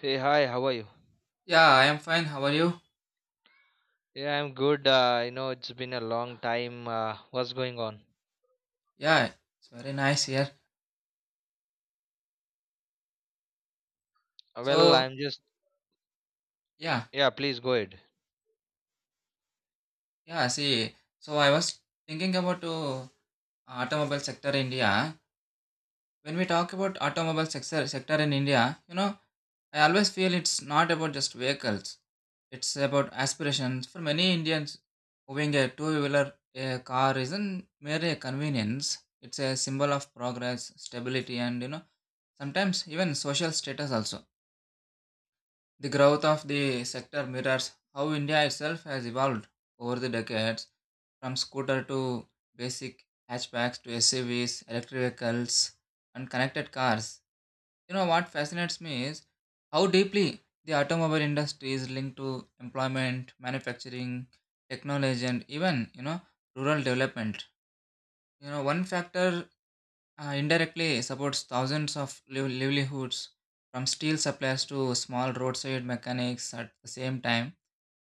Hey, hi, how are you? Yeah, I am fine. How are you? Yeah, I'm good. It's been a long time. What's going on? Yeah, it's very nice here. Well, So, I'm just, yeah, yeah, please go ahead. so I was thinking about automobile sector in India. When we talk about automobile sector in India, I always feel it's not about just vehicles. It's about aspirations. For many Indians, owning a two-wheeler a car isn't merely a convenience. It's a symbol of progress, stability, and sometimes even social status also. The growth of the sector mirrors how India itself has evolved over the decades, from scooter to basic hatchbacks to SUVs, electric vehicles, and connected cars. You know what fascinates me is how deeply the automobile industry is linked to employment, manufacturing, technology, and even rural development. You know one factor indirectly supports thousands of livelihoods from steel suppliers to small roadside mechanics. At the same time,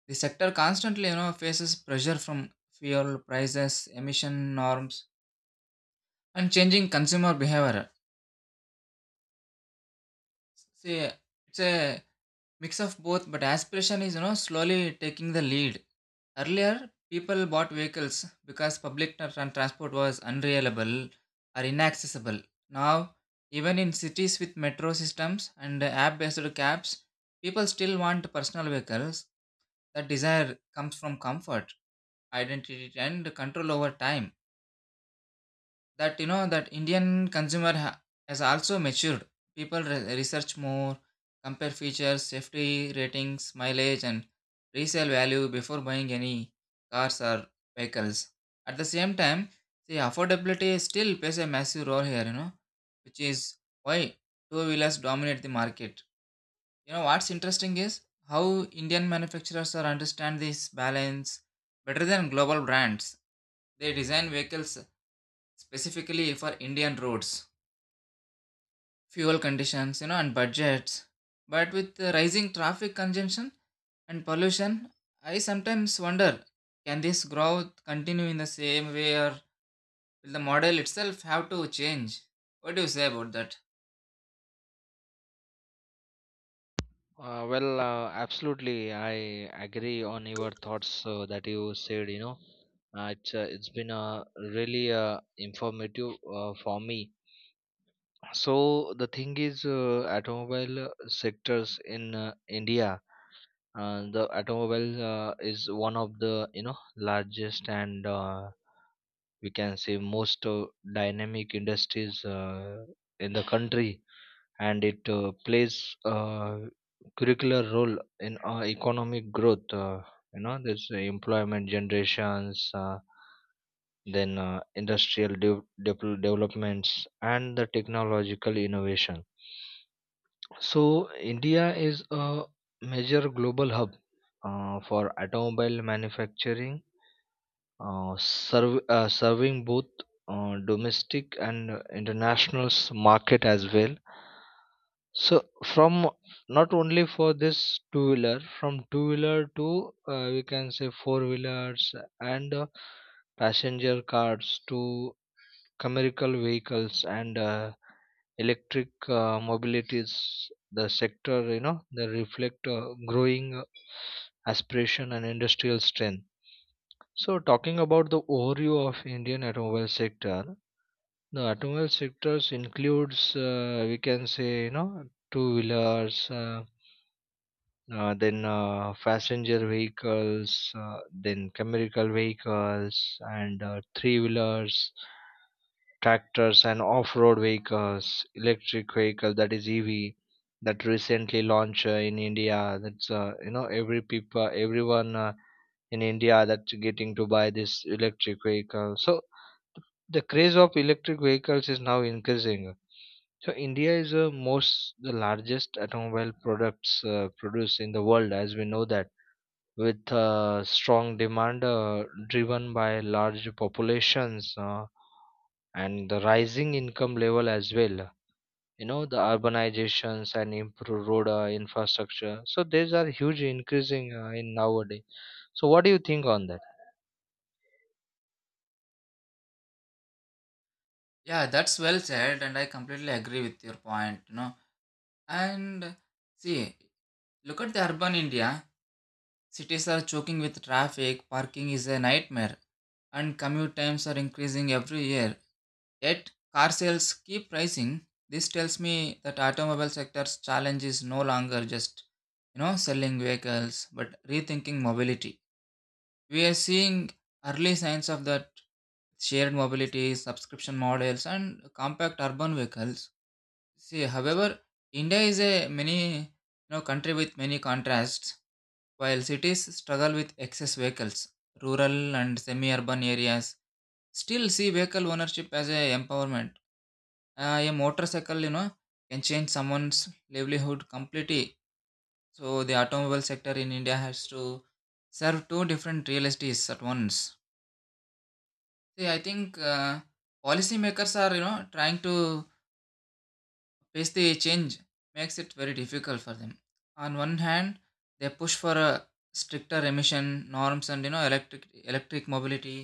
the sector constantly faces pressure from fuel prices, emission norms, and changing consumer behavior. See, it's a mix of both, but aspiration is slowly taking the lead. Earlier, people bought vehicles because public transport was unreliable or inaccessible. Now, even in cities with metro systems and app-based cabs, people still want personal vehicles. That desire comes from comfort, identity, and control over time. That you know that Indian consumer has also matured. People research more, compare features, safety ratings, mileage, and resale value before buying any cars or vehicles. At the same time, see, affordability still plays a massive role here, which is why two wheelers dominate the market. You know what's interesting is how Indian manufacturers are understand this balance better than global brands. They design vehicles specifically for Indian roads, fuel conditions, and budgets. But with the rising traffic congestion and pollution, I sometimes wonder, can this growth continue in the same way, or will the model itself have to change? What do you say about that? Well, absolutely, I agree on your thoughts that you said. It's been really informative for me. So the thing is, automobile sectors in India, the automobile is one of the largest, and we can say, most dynamic industries in the country, and it plays a curricular role in our economic growth. There's employment generations, then industrial developments and the technological innovation. So India is a major global hub for automobile manufacturing, serving both domestic and international market as well. So from, not only for this two wheeler, from two wheeler to, we can say, four wheelers, and passenger cars to commercial vehicles, and electric mobilities, the sector, they reflect growing aspiration and industrial strength. So, talking about the overview of Indian automobile sector, the automobile sectors includes, we can say, two wheelers, then passenger vehicles, then chemical vehicles, and three wheelers, tractors and off-road vehicles, electric vehicle, that is EV, that recently launched in India. That's every people, everyone, in India, that's getting to buy this electric vehicle. So the craze of electric vehicles is now increasing. So India is most the largest automobile products produced in the world, as we know that, with strong demand driven by large populations, and the rising income level as well. You know the urbanizations and improved road infrastructure. So these are huge increasing in nowadays. So what do you think on that? Yeah, that's well said, and I completely agree with your point. And see, look at the urban India. Cities are choking with traffic, parking is a nightmare, and commute times are increasing every year. Yet car sales keep rising. This tells me that automobile sector's challenge is no longer just selling vehicles but rethinking mobility. We are seeing early signs of that: shared mobility, subscription models, and compact urban vehicles. See, however, India is a many country with many contrasts. While cities struggle with excess vehicles, rural and semi-urban areas still see vehicle ownership as a empowerment. A motorcycle, can change someone's livelihood completely. So the automobile sector in India has to serve two different realities at once. See, I think policymakers are, trying to face the change makes it very difficult for them. On one hand, they push for a stricter emission norms and electric mobility.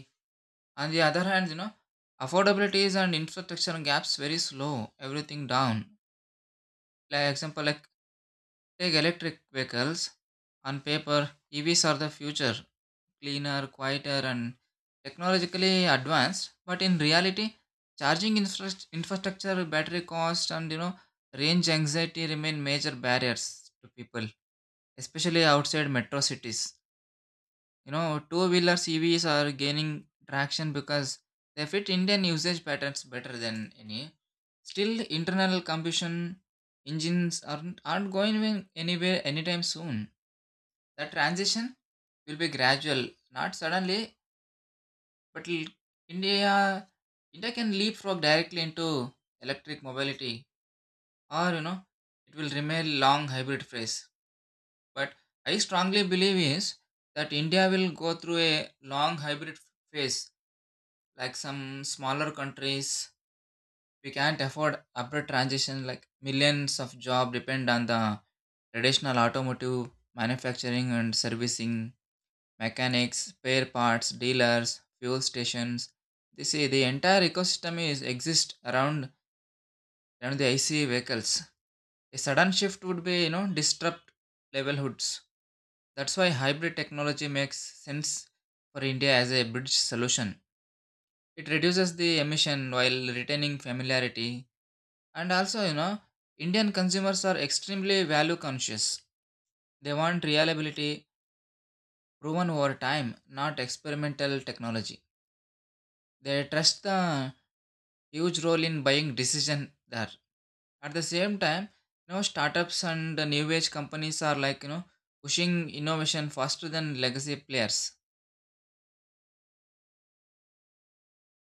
On the other hand, affordabilities and infrastructure gaps very slow everything down. Like example like Take electric vehicles. On paper, EVs are the future: cleaner, quieter, and technologically advanced. But in reality, charging infrastructure, battery cost, and range anxiety remain major barriers to people, especially outside metro cities. Two-wheelers EVs are gaining traction because they fit Indian usage patterns better than any. Still, internal combustion engines aren't going anywhere anytime soon. The transition will be gradual, not suddenly, but l- India India can leapfrog directly into electric mobility, or it will remain long hybrid phase. But I strongly believe is that India will go through a long hybrid phase, like some smaller countries. We can't afford abrupt transition. Like millions of job depend on the traditional automotive manufacturing and servicing, mechanics, spare parts dealers, fuel stations. They say the entire ecosystem is exist around the IC vehicles. A sudden shift would be disrupt livelihoods. That's why hybrid technology makes sense for India as a bridge solution. It reduces the emission while retaining familiarity. And also, Indian consumers are extremely value conscious. They want reliability proven over time, not experimental technology. They trust the huge role in buying decision there. At the same time, startups and the new age companies are like, pushing innovation faster than legacy players.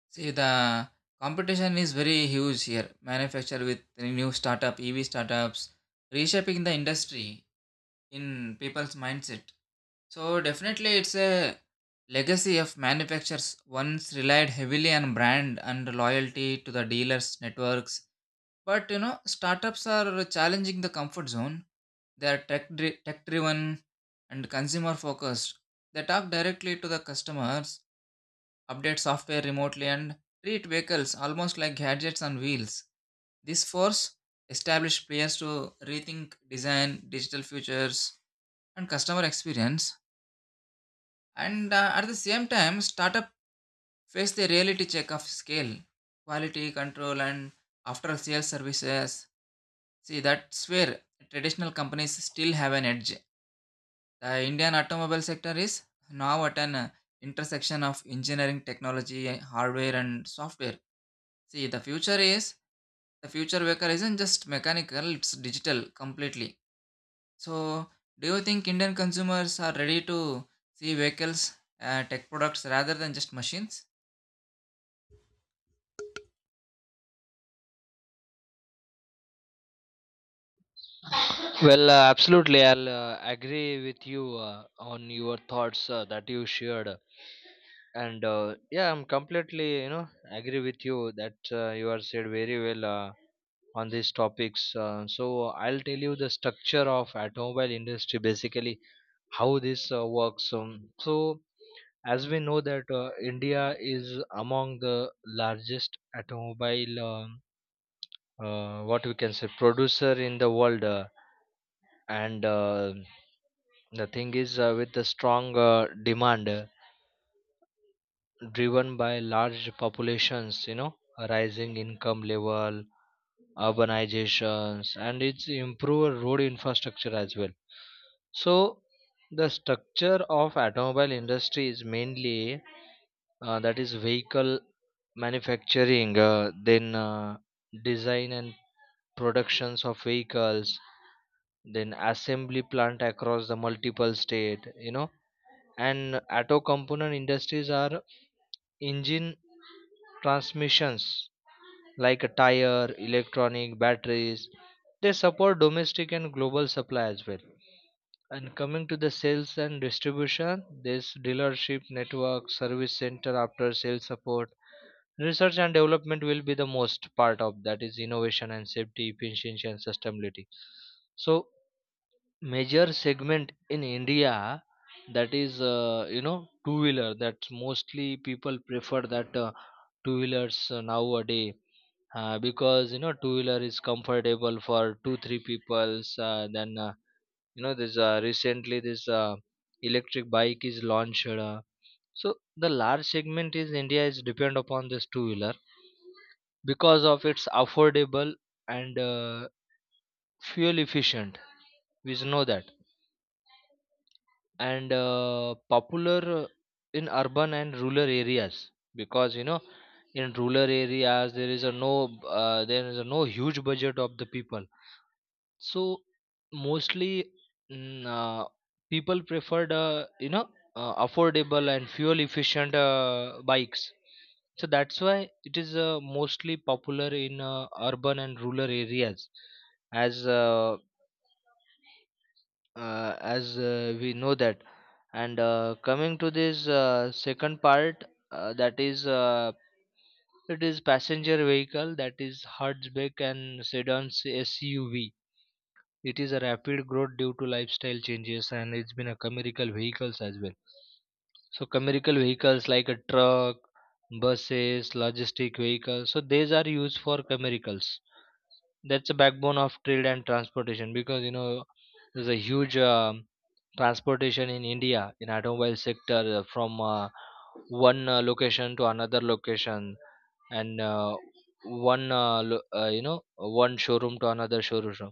See, the competition is very huge here. Manufacture with new startup, EV startups, reshaping the industry in people's mindset. So definitely it's a legacy of manufacturers once relied heavily on brand and loyalty to the dealers networks. But startups are challenging the comfort zone. They are tech driven and consumer focused. They talk directly to the customers, update software remotely, and treat vehicles almost like gadgets on wheels. This force established players to rethink design, digital features, and customer experience. And at the same time, startup face the reality check of scale, quality control, and after sales services. See, that's where traditional companies still have an edge. The Indian automobile sector is now at an intersection of engineering, technology, hardware, and software. See, the future vehicle isn't just mechanical; it's digital completely. So, do you think Indian consumers are ready to see vehicles, tech products rather than just machines? Well, absolutely. I'll agree with you on your thoughts that you shared. And yeah, I'm completely, agree with you that you are said very well on these topics. So I'll tell you the structure of automobile industry, basically how this works. So as we know that India is among the largest automobile, what we can say, producer in the world, and the thing is, with the strong demand driven by large populations, a rising income level, urbanizations, and its improved road infrastructure as well. So, the structure of automobile industry is mainly, that is, vehicle manufacturing, then design and productions of vehicles, then assembly plant across the multiple state, and auto component industries are engine, transmissions, like a tire, electronic batteries. They support domestic and global supply as well. And coming to the sales and distribution, this dealership network, service center, after sales support, research and development will be the most part of that, is innovation and safety, efficiency and sustainability. So major segment in India, that is, two wheeler, that's mostly people prefer that, two wheelers nowadays, because you know, two wheeler is comfortable for two three peoples, then, you know this recently this electric bike is launched, so the large segment is India is depend upon this two wheeler, because of its affordable and fuel efficient, we know that, and popular in urban and rural areas, because you know, in rural areas there is a no, there is a no huge budget of the people. So mostly, mm, uh, people preferred, affordable and fuel efficient bikes. So that's why it is mostly popular in urban and rural areas, as uh, as we know that. And coming to this second part, that is, it is passenger vehicle, that is hatchback and sedans, SUV. It is a rapid growth due to lifestyle changes, and it's been a commercial vehicles as well. So commercial vehicles like a truck, buses, logistic vehicles, so these are used for commercials, that's the backbone of trade and transportation, because you know, there's a huge transportation in India in automobile sector from one location to another location, and one lo- you know one showroom to another showroom.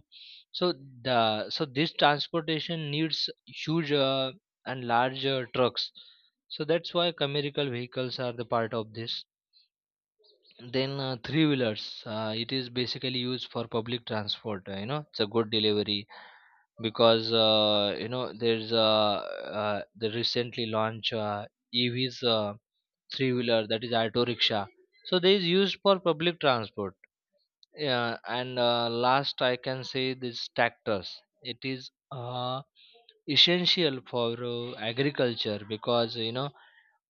So the so this transportation needs huge and large trucks. So that's why commercial vehicles are the part of this. Then three wheelers, it is basically used for public transport. You know, it's a good delivery, because the recently launched EVs, three wheeler, that is auto rickshaw. So they is used for public transport. Yeah, and last I can say this tractors, it is essential for agriculture, because you know,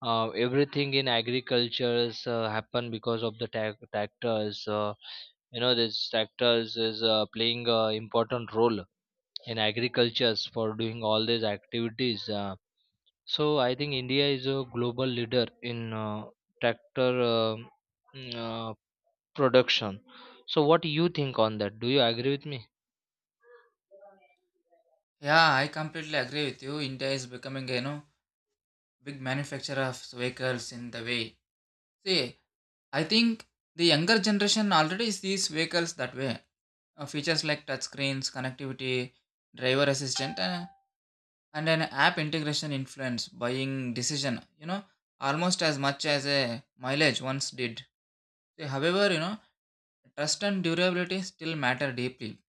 everything in agriculture is happen because of the tac tractors you know, this tractors is playing a important role in agricultures for doing all these activities, so I think India is a global leader in tractor mm, uh, production. So what do you think on that? Do you agree with me? Yeah, I completely agree with you. India is becoming, a big manufacturer of vehicles in the way. See, I think the younger generation already sees vehicles that way. Features like touch screens, connectivity, driver assistant, and an app integration influence buying decision. Almost as much as a mileage once did. See, however, trust and durability still matter deeply.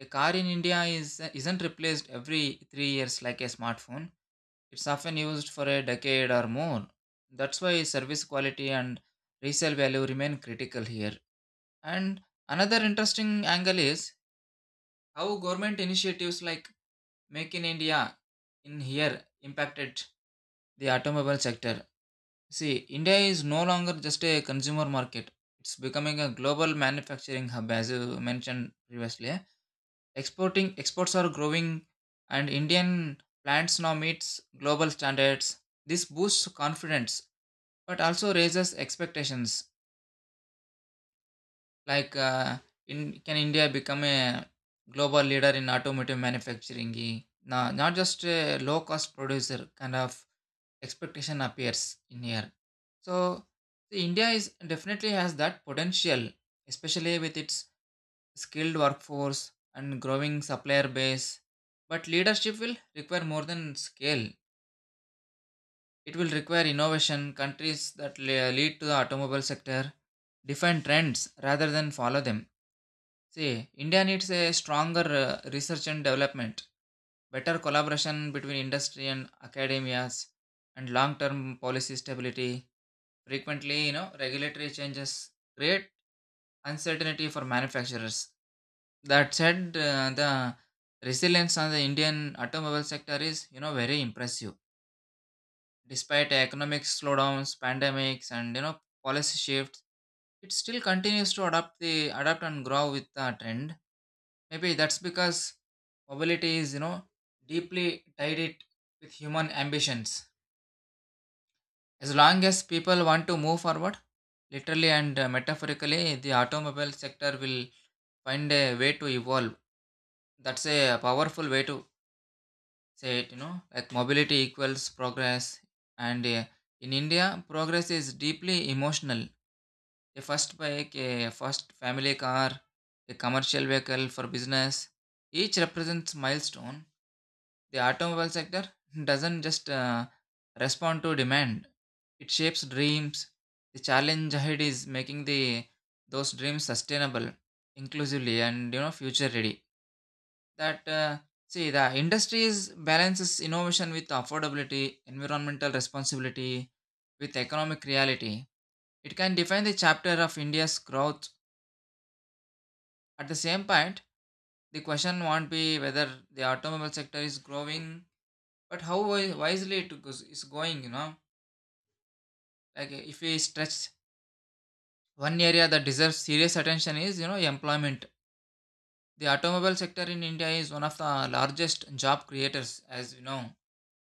A car in India is isn't replaced every 3 years like a smartphone. It's often used for a decade or more. That's why service quality and resale value remain critical here. And another interesting angle is how government initiatives like Make in India in here impacted the automobile sector. See, India is no longer just a consumer market. It's becoming a global manufacturing hub, as you mentioned previously. Exporting exports are growing and Indian plants now meets global standards. This boosts confidence but also raises expectations. Like in, can India become a global leader in automotive manufacturing, no, not just a low cost producer kind of expectation appears in here. So the India is definitely has that potential, especially with its skilled workforce and growing supplier base. But leadership will require more than scale. It will require innovation. Countries that lead to the automobile sector define trends rather than follow them. See, India needs a stronger research and development, better collaboration between industry and academias, and long-term policy stability. Frequently, regulatory changes create uncertainty for manufacturers. That said, the resilience on the Indian automobile sector is, very impressive. Despite economic slowdowns, pandemics, and policy shifts, it still continues to adapt and grow with the trend. Maybe that's because mobility is deeply tied it with human ambitions. As long as people want to move forward, literally and metaphorically, the automobile sector will find a way to evolve. That's a powerful way to say it. Like mobility equals progress, and in India, progress is deeply emotional. A first bike, a first family car, a commercial vehicle for business. Each represents milestone. The automobile sector doesn't just respond to demand; it shapes dreams. The challenge ahead is making the those dreams sustainable, inclusively, and future ready. That see, the industries balances innovation with affordability, environmental responsibility, with economic reality. It can define the chapter of India's growth. At the same point, the question won't be whether the automobile sector is growing, but how wisely it goes, is going. Like if we stretch, one area that deserves serious attention is, employment. The automobile sector in India is one of the largest job creators, as you know,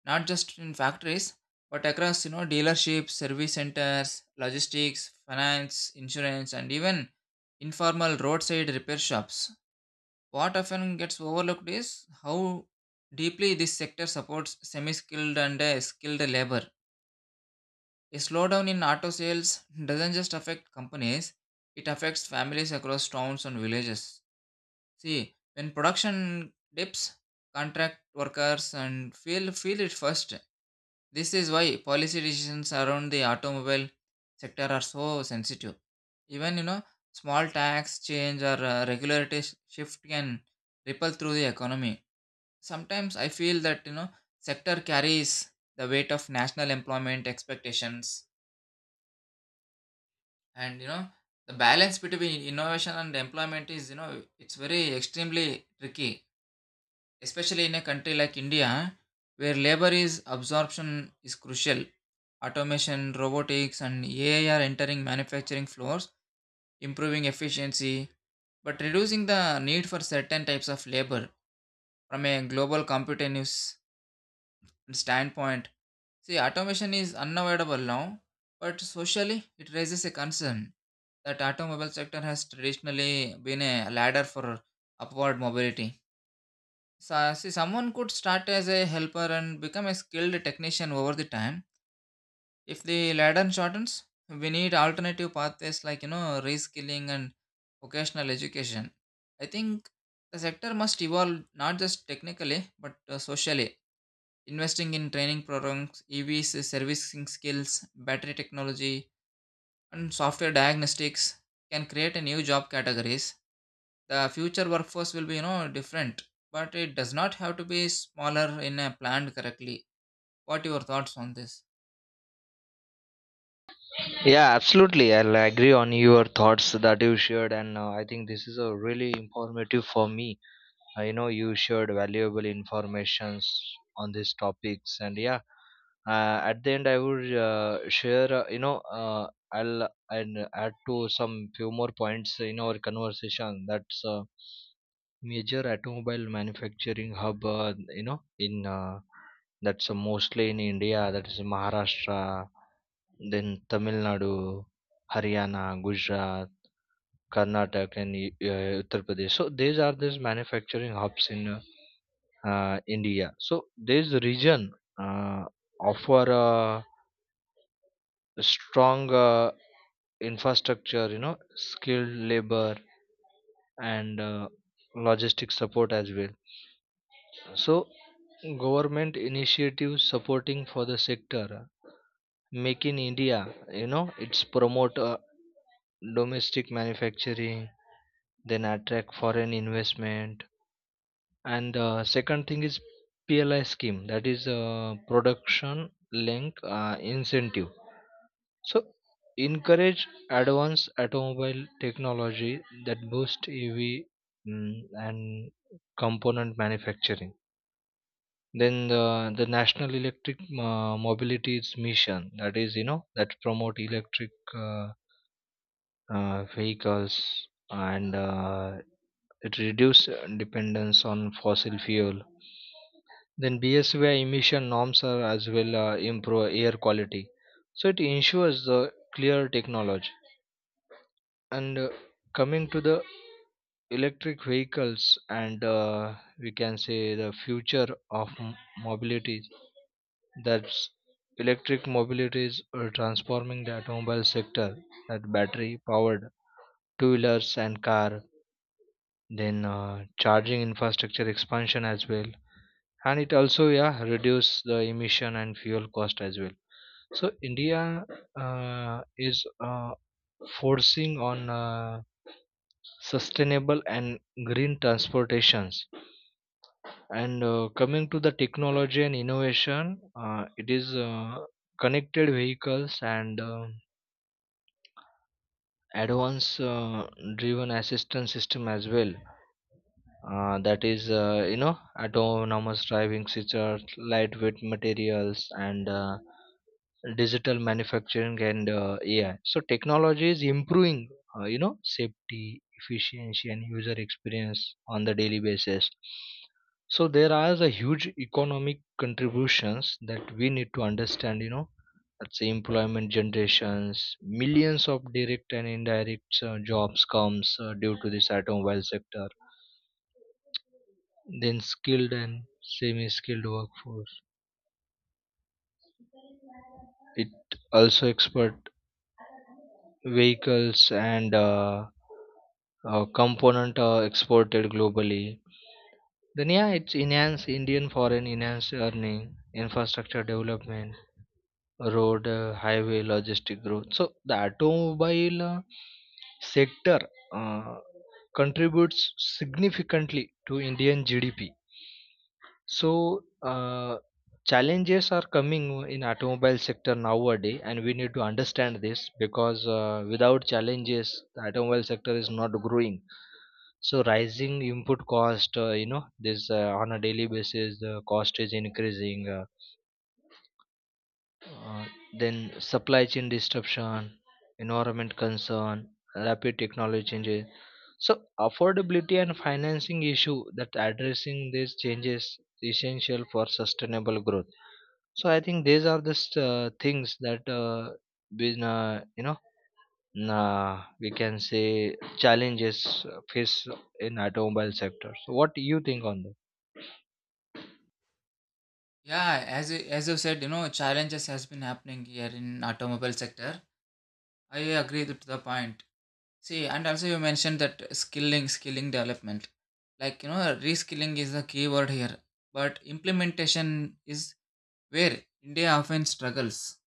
not just in factories, but across, dealerships, service centers, logistics, finance, insurance, and even informal roadside repair shops. What often gets overlooked is how deeply this sector supports semi skilled and skilled labor. A slowdown in auto sales doesn't just affect companies, it affects families across towns and villages. See, when production dips, contract workers and feel it first. This is why policy decisions around the automobile sector are so sensitive. Even, small tax change or regulatory shift can ripple through the economy. Sometimes I feel that sector carries the weight of national employment expectations, and the balance between innovation and employment is it's very extremely tricky, especially in a country like India where labor is absorption is crucial. Automation, robotics, and AI are entering manufacturing floors, improving efficiency, but reducing the need for certain types of labor from a global competitiveness standpoint. See, automation is unavoidable now, but socially it raises a concern that automobile sector has traditionally been a ladder for upward mobility. So, see, someone could start as a helper and become a skilled technician over the time. If the ladder shortens, we need alternative pathways like you know reskilling and vocational education. I think the sector must evolve not just technically but socially. Investing in training programs, EVs, servicing skills, battery technology, and software diagnostics can create a new job categories. The future workforce will be, you know, different, but it does not have to be smaller in a planned correctly. What your thoughts on this? Yeah, absolutely. I'll agree on your thoughts that you shared, and I think this is a really informative for me. You shared valuable informations on these topics, and yeah, at the end, I would share. I'll and add to some few more points in our conversation. That's major automobile manufacturing hub you know in that's mostly in India, that is Maharashtra, then Tamil Nadu, Haryana, Gujarat, Karnataka, and Uttar Pradesh. So these are these manufacturing hubs in India. So this region uh, offer a strong uh, infrastructure, you know, skilled labor, and logistic support as well. So government initiatives supporting for the sector: Make in India, you know, it's promote domestic manufacturing, then attract foreign investment. And second thing is PLI scheme, that is production link incentive. So encourage advanced automobile technology, that boost EV mm, and component manufacturing. Then the National Electric Mobility's mission, that is, you know, that promote electric vehicles, and it reduce dependence on fossil fuel. Then BSVI emission norms are as well improve air quality. So it ensures the clear technology. And coming to the electric vehicles, and we can say the future of mobility, that electric mobility is transforming the automobile sector, that battery powered two wheelers and car, then charging infrastructure expansion as well, and it also, yeah, reduce the emission and fuel cost as well. So India is forcing on sustainable and green transportations. And coming to the technology and innovation, it is connected vehicles, and advanced driven assistance system as well, that is, you know, autonomous driving features, lightweight materials, and digital manufacturing, and AI. So technology is improving, you know, safety, efficiency, and user experience on the daily basis. So there are the huge economic contributions that we need to understand, you know. Let's say employment generations, millions of direct and indirect jobs comes due to this automobile sector. Then skilled and semi skilled workforce. It also expert vehicles and component exported globally. Then yeah, it's enhanced Indian foreign enhanced earning, infrastructure development, road, highway, logistic growth. So the automobile sector uh, contributes significantly to Indian GDP. So, challenges are coming in automobile sector nowadays, and we need to understand this, because without challenges, the automobile sector is not growing. So, rising input cost, you know, this on a daily basis, the cost is increasing. Uh, then supply chain disruption, environment concern, rapid technology changes. So, affordability and financing issue, that addressing these changes essential for sustainable growth. So I think these are just things that been, we can say, challenges face in automobile sector. So what do you think on that? Yeah, as you said, you know, challenges has been happening here in automobile sector. I agree to the point. See, and also you mentioned that skilling development. Like, you know, reskilling is the key word here. But implementation is where India often struggles.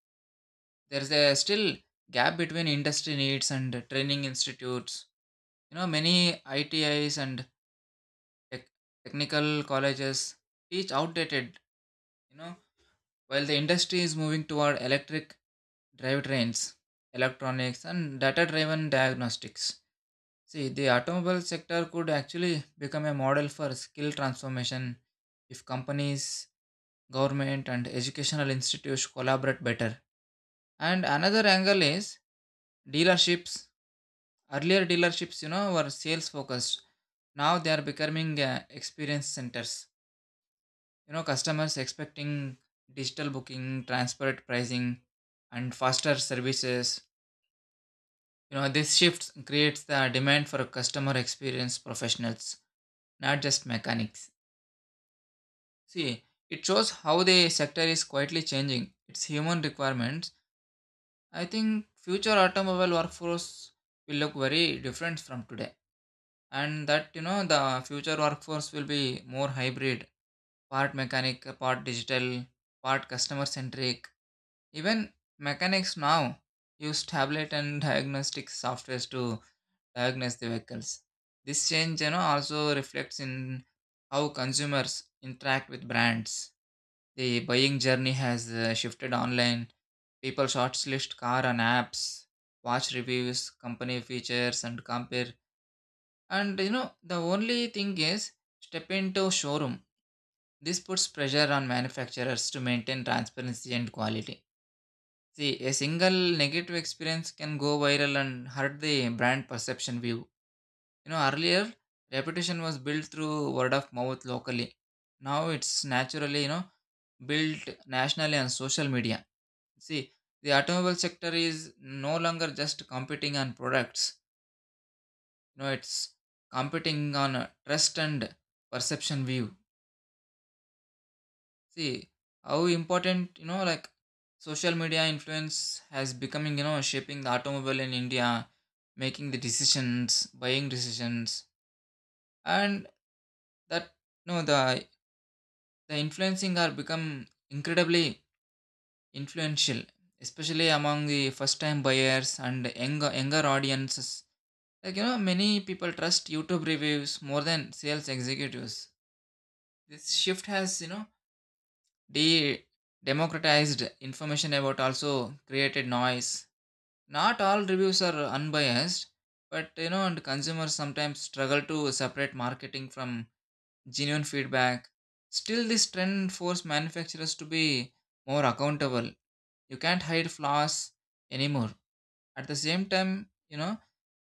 There's a still gap between industry needs and training institutes. You know, many ITIs and tech, technical colleges teach outdated, you know, while the industry is moving toward electric drivetrains, electronics, and data driven diagnostics. See, the automobile sector could actually become a model for skill transformation if companies, government, and educational institutes collaborate better. And another angle is dealerships. Earlier, dealerships, you know, were sales focused. Now they are becoming experience centers. You know, customers expecting digital booking, transparent pricing, and faster services. You know, this shift creates the demand for customer experience professionals, not just mechanics. See, it shows how the sector is quietly changing its human requirements. I think future automobile workforce will look very different from today. And that, you know, the future workforce will be more hybrid, part mechanic, part digital, part customer centric. Even mechanics now use tablet and diagnostic softwares to diagnose the vehicles. This change, you know, also reflects in how consumers interact with brands the buying journey has shifted online. People shortlist car on apps, watch reviews, company features, and compare. And you know, the only thing is step into showroom. This puts pressure on manufacturers to maintain transparency and quality. See, a single negative experience can go viral and hurt the brand perception view. You know, earlier reputation was built through word of mouth locally. Now it's naturally, you know, built nationally on social media. See, the automobile sector is no longer just competing on products. No, it's competing on a trust and perception view. See how important you know like social media influence has becoming you know shaping the automobile in India, making the decisions, buying decisions, and that no the influencing are become incredibly influential, especially among the first time buyers and younger audiences. Like, you know, many people trust YouTube reviews more than sales executives. This shift has, you know, de democratized information about also created noise. Not all reviews are unbiased, but you know, and consumers sometimes struggle to separate marketing from genuine feedback. Still, this trend forced manufacturers to be more accountable. You can't hide flaws anymore. At the same time, you know,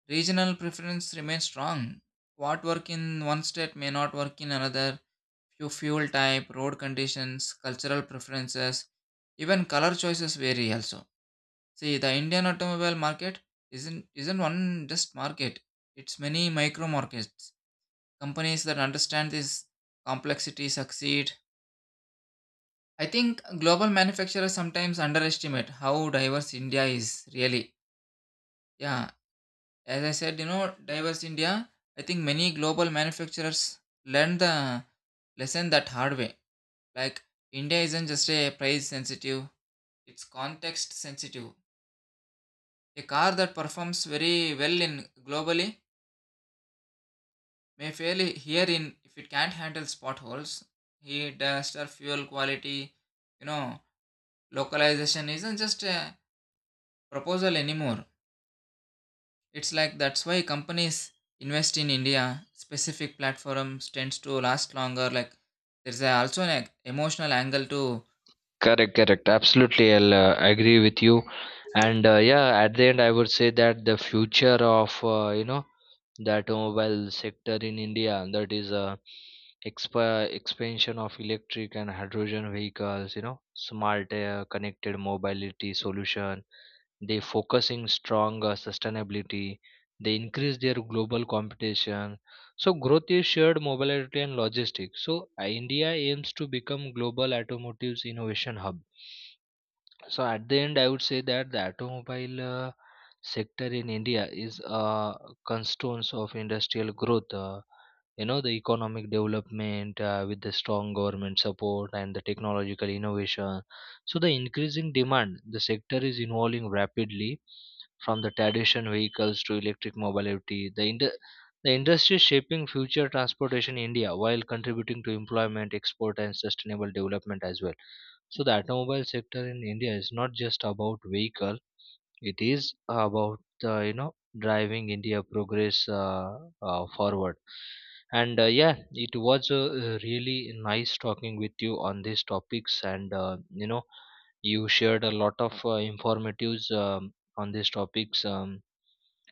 regional preference remains strong. What work in one state may not work in another. Few fuel type, road conditions, cultural preferences, even color choices vary also. See, the Indian automobile market isn't one just market. It's many micro markets. Companies that understand this complexity succeed. I think global manufacturers sometimes underestimate how diverse India is really. Yeah, as I said, you know, diverse India, I think many global manufacturers learn the lesson that hard way. Like India isn't just a price sensitive, it's context sensitive. A car that performs very well in globally may fail here in if it can't handle potholes, heat, dust, or fuel quality. You know, localization isn't just a proposal anymore. It's like that's why companies invest in India. Specific platforms tends to last longer. Like there's a, also an emotional angle to. Correct, correct. Absolutely, I'll agree with you. And yeah, at the end, I would say that the future of, the automobile sector in India, that is a expansion of electric and hydrogen vehicles, you know, smart connected mobility solution. They focusing strong sustainability, they increase their global competition. So growth is shared mobility and logistics. So India aims to become global automotive innovation hub. So at the end, I would say that the automobile sector in India is a cornerstone of industrial growth. You know, the economic development with the strong government support and the technological innovation. So the increasing demand, the sector is evolving rapidly from the traditional vehicles to electric mobility. The industry is shaping future transportation in India, while contributing to employment, export, and sustainable development as well. So the automobile sector in India is not just about vehicle; it is about, driving India progress forward. And yeah, it was really nice talking with you on these topics, and you know, you shared a lot of informatives on these topics.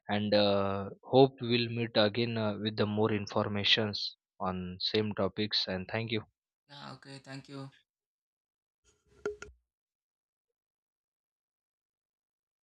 And hope we'll meet again with the more informations on same topics. And thank you. Yeah. Okay. Thank you.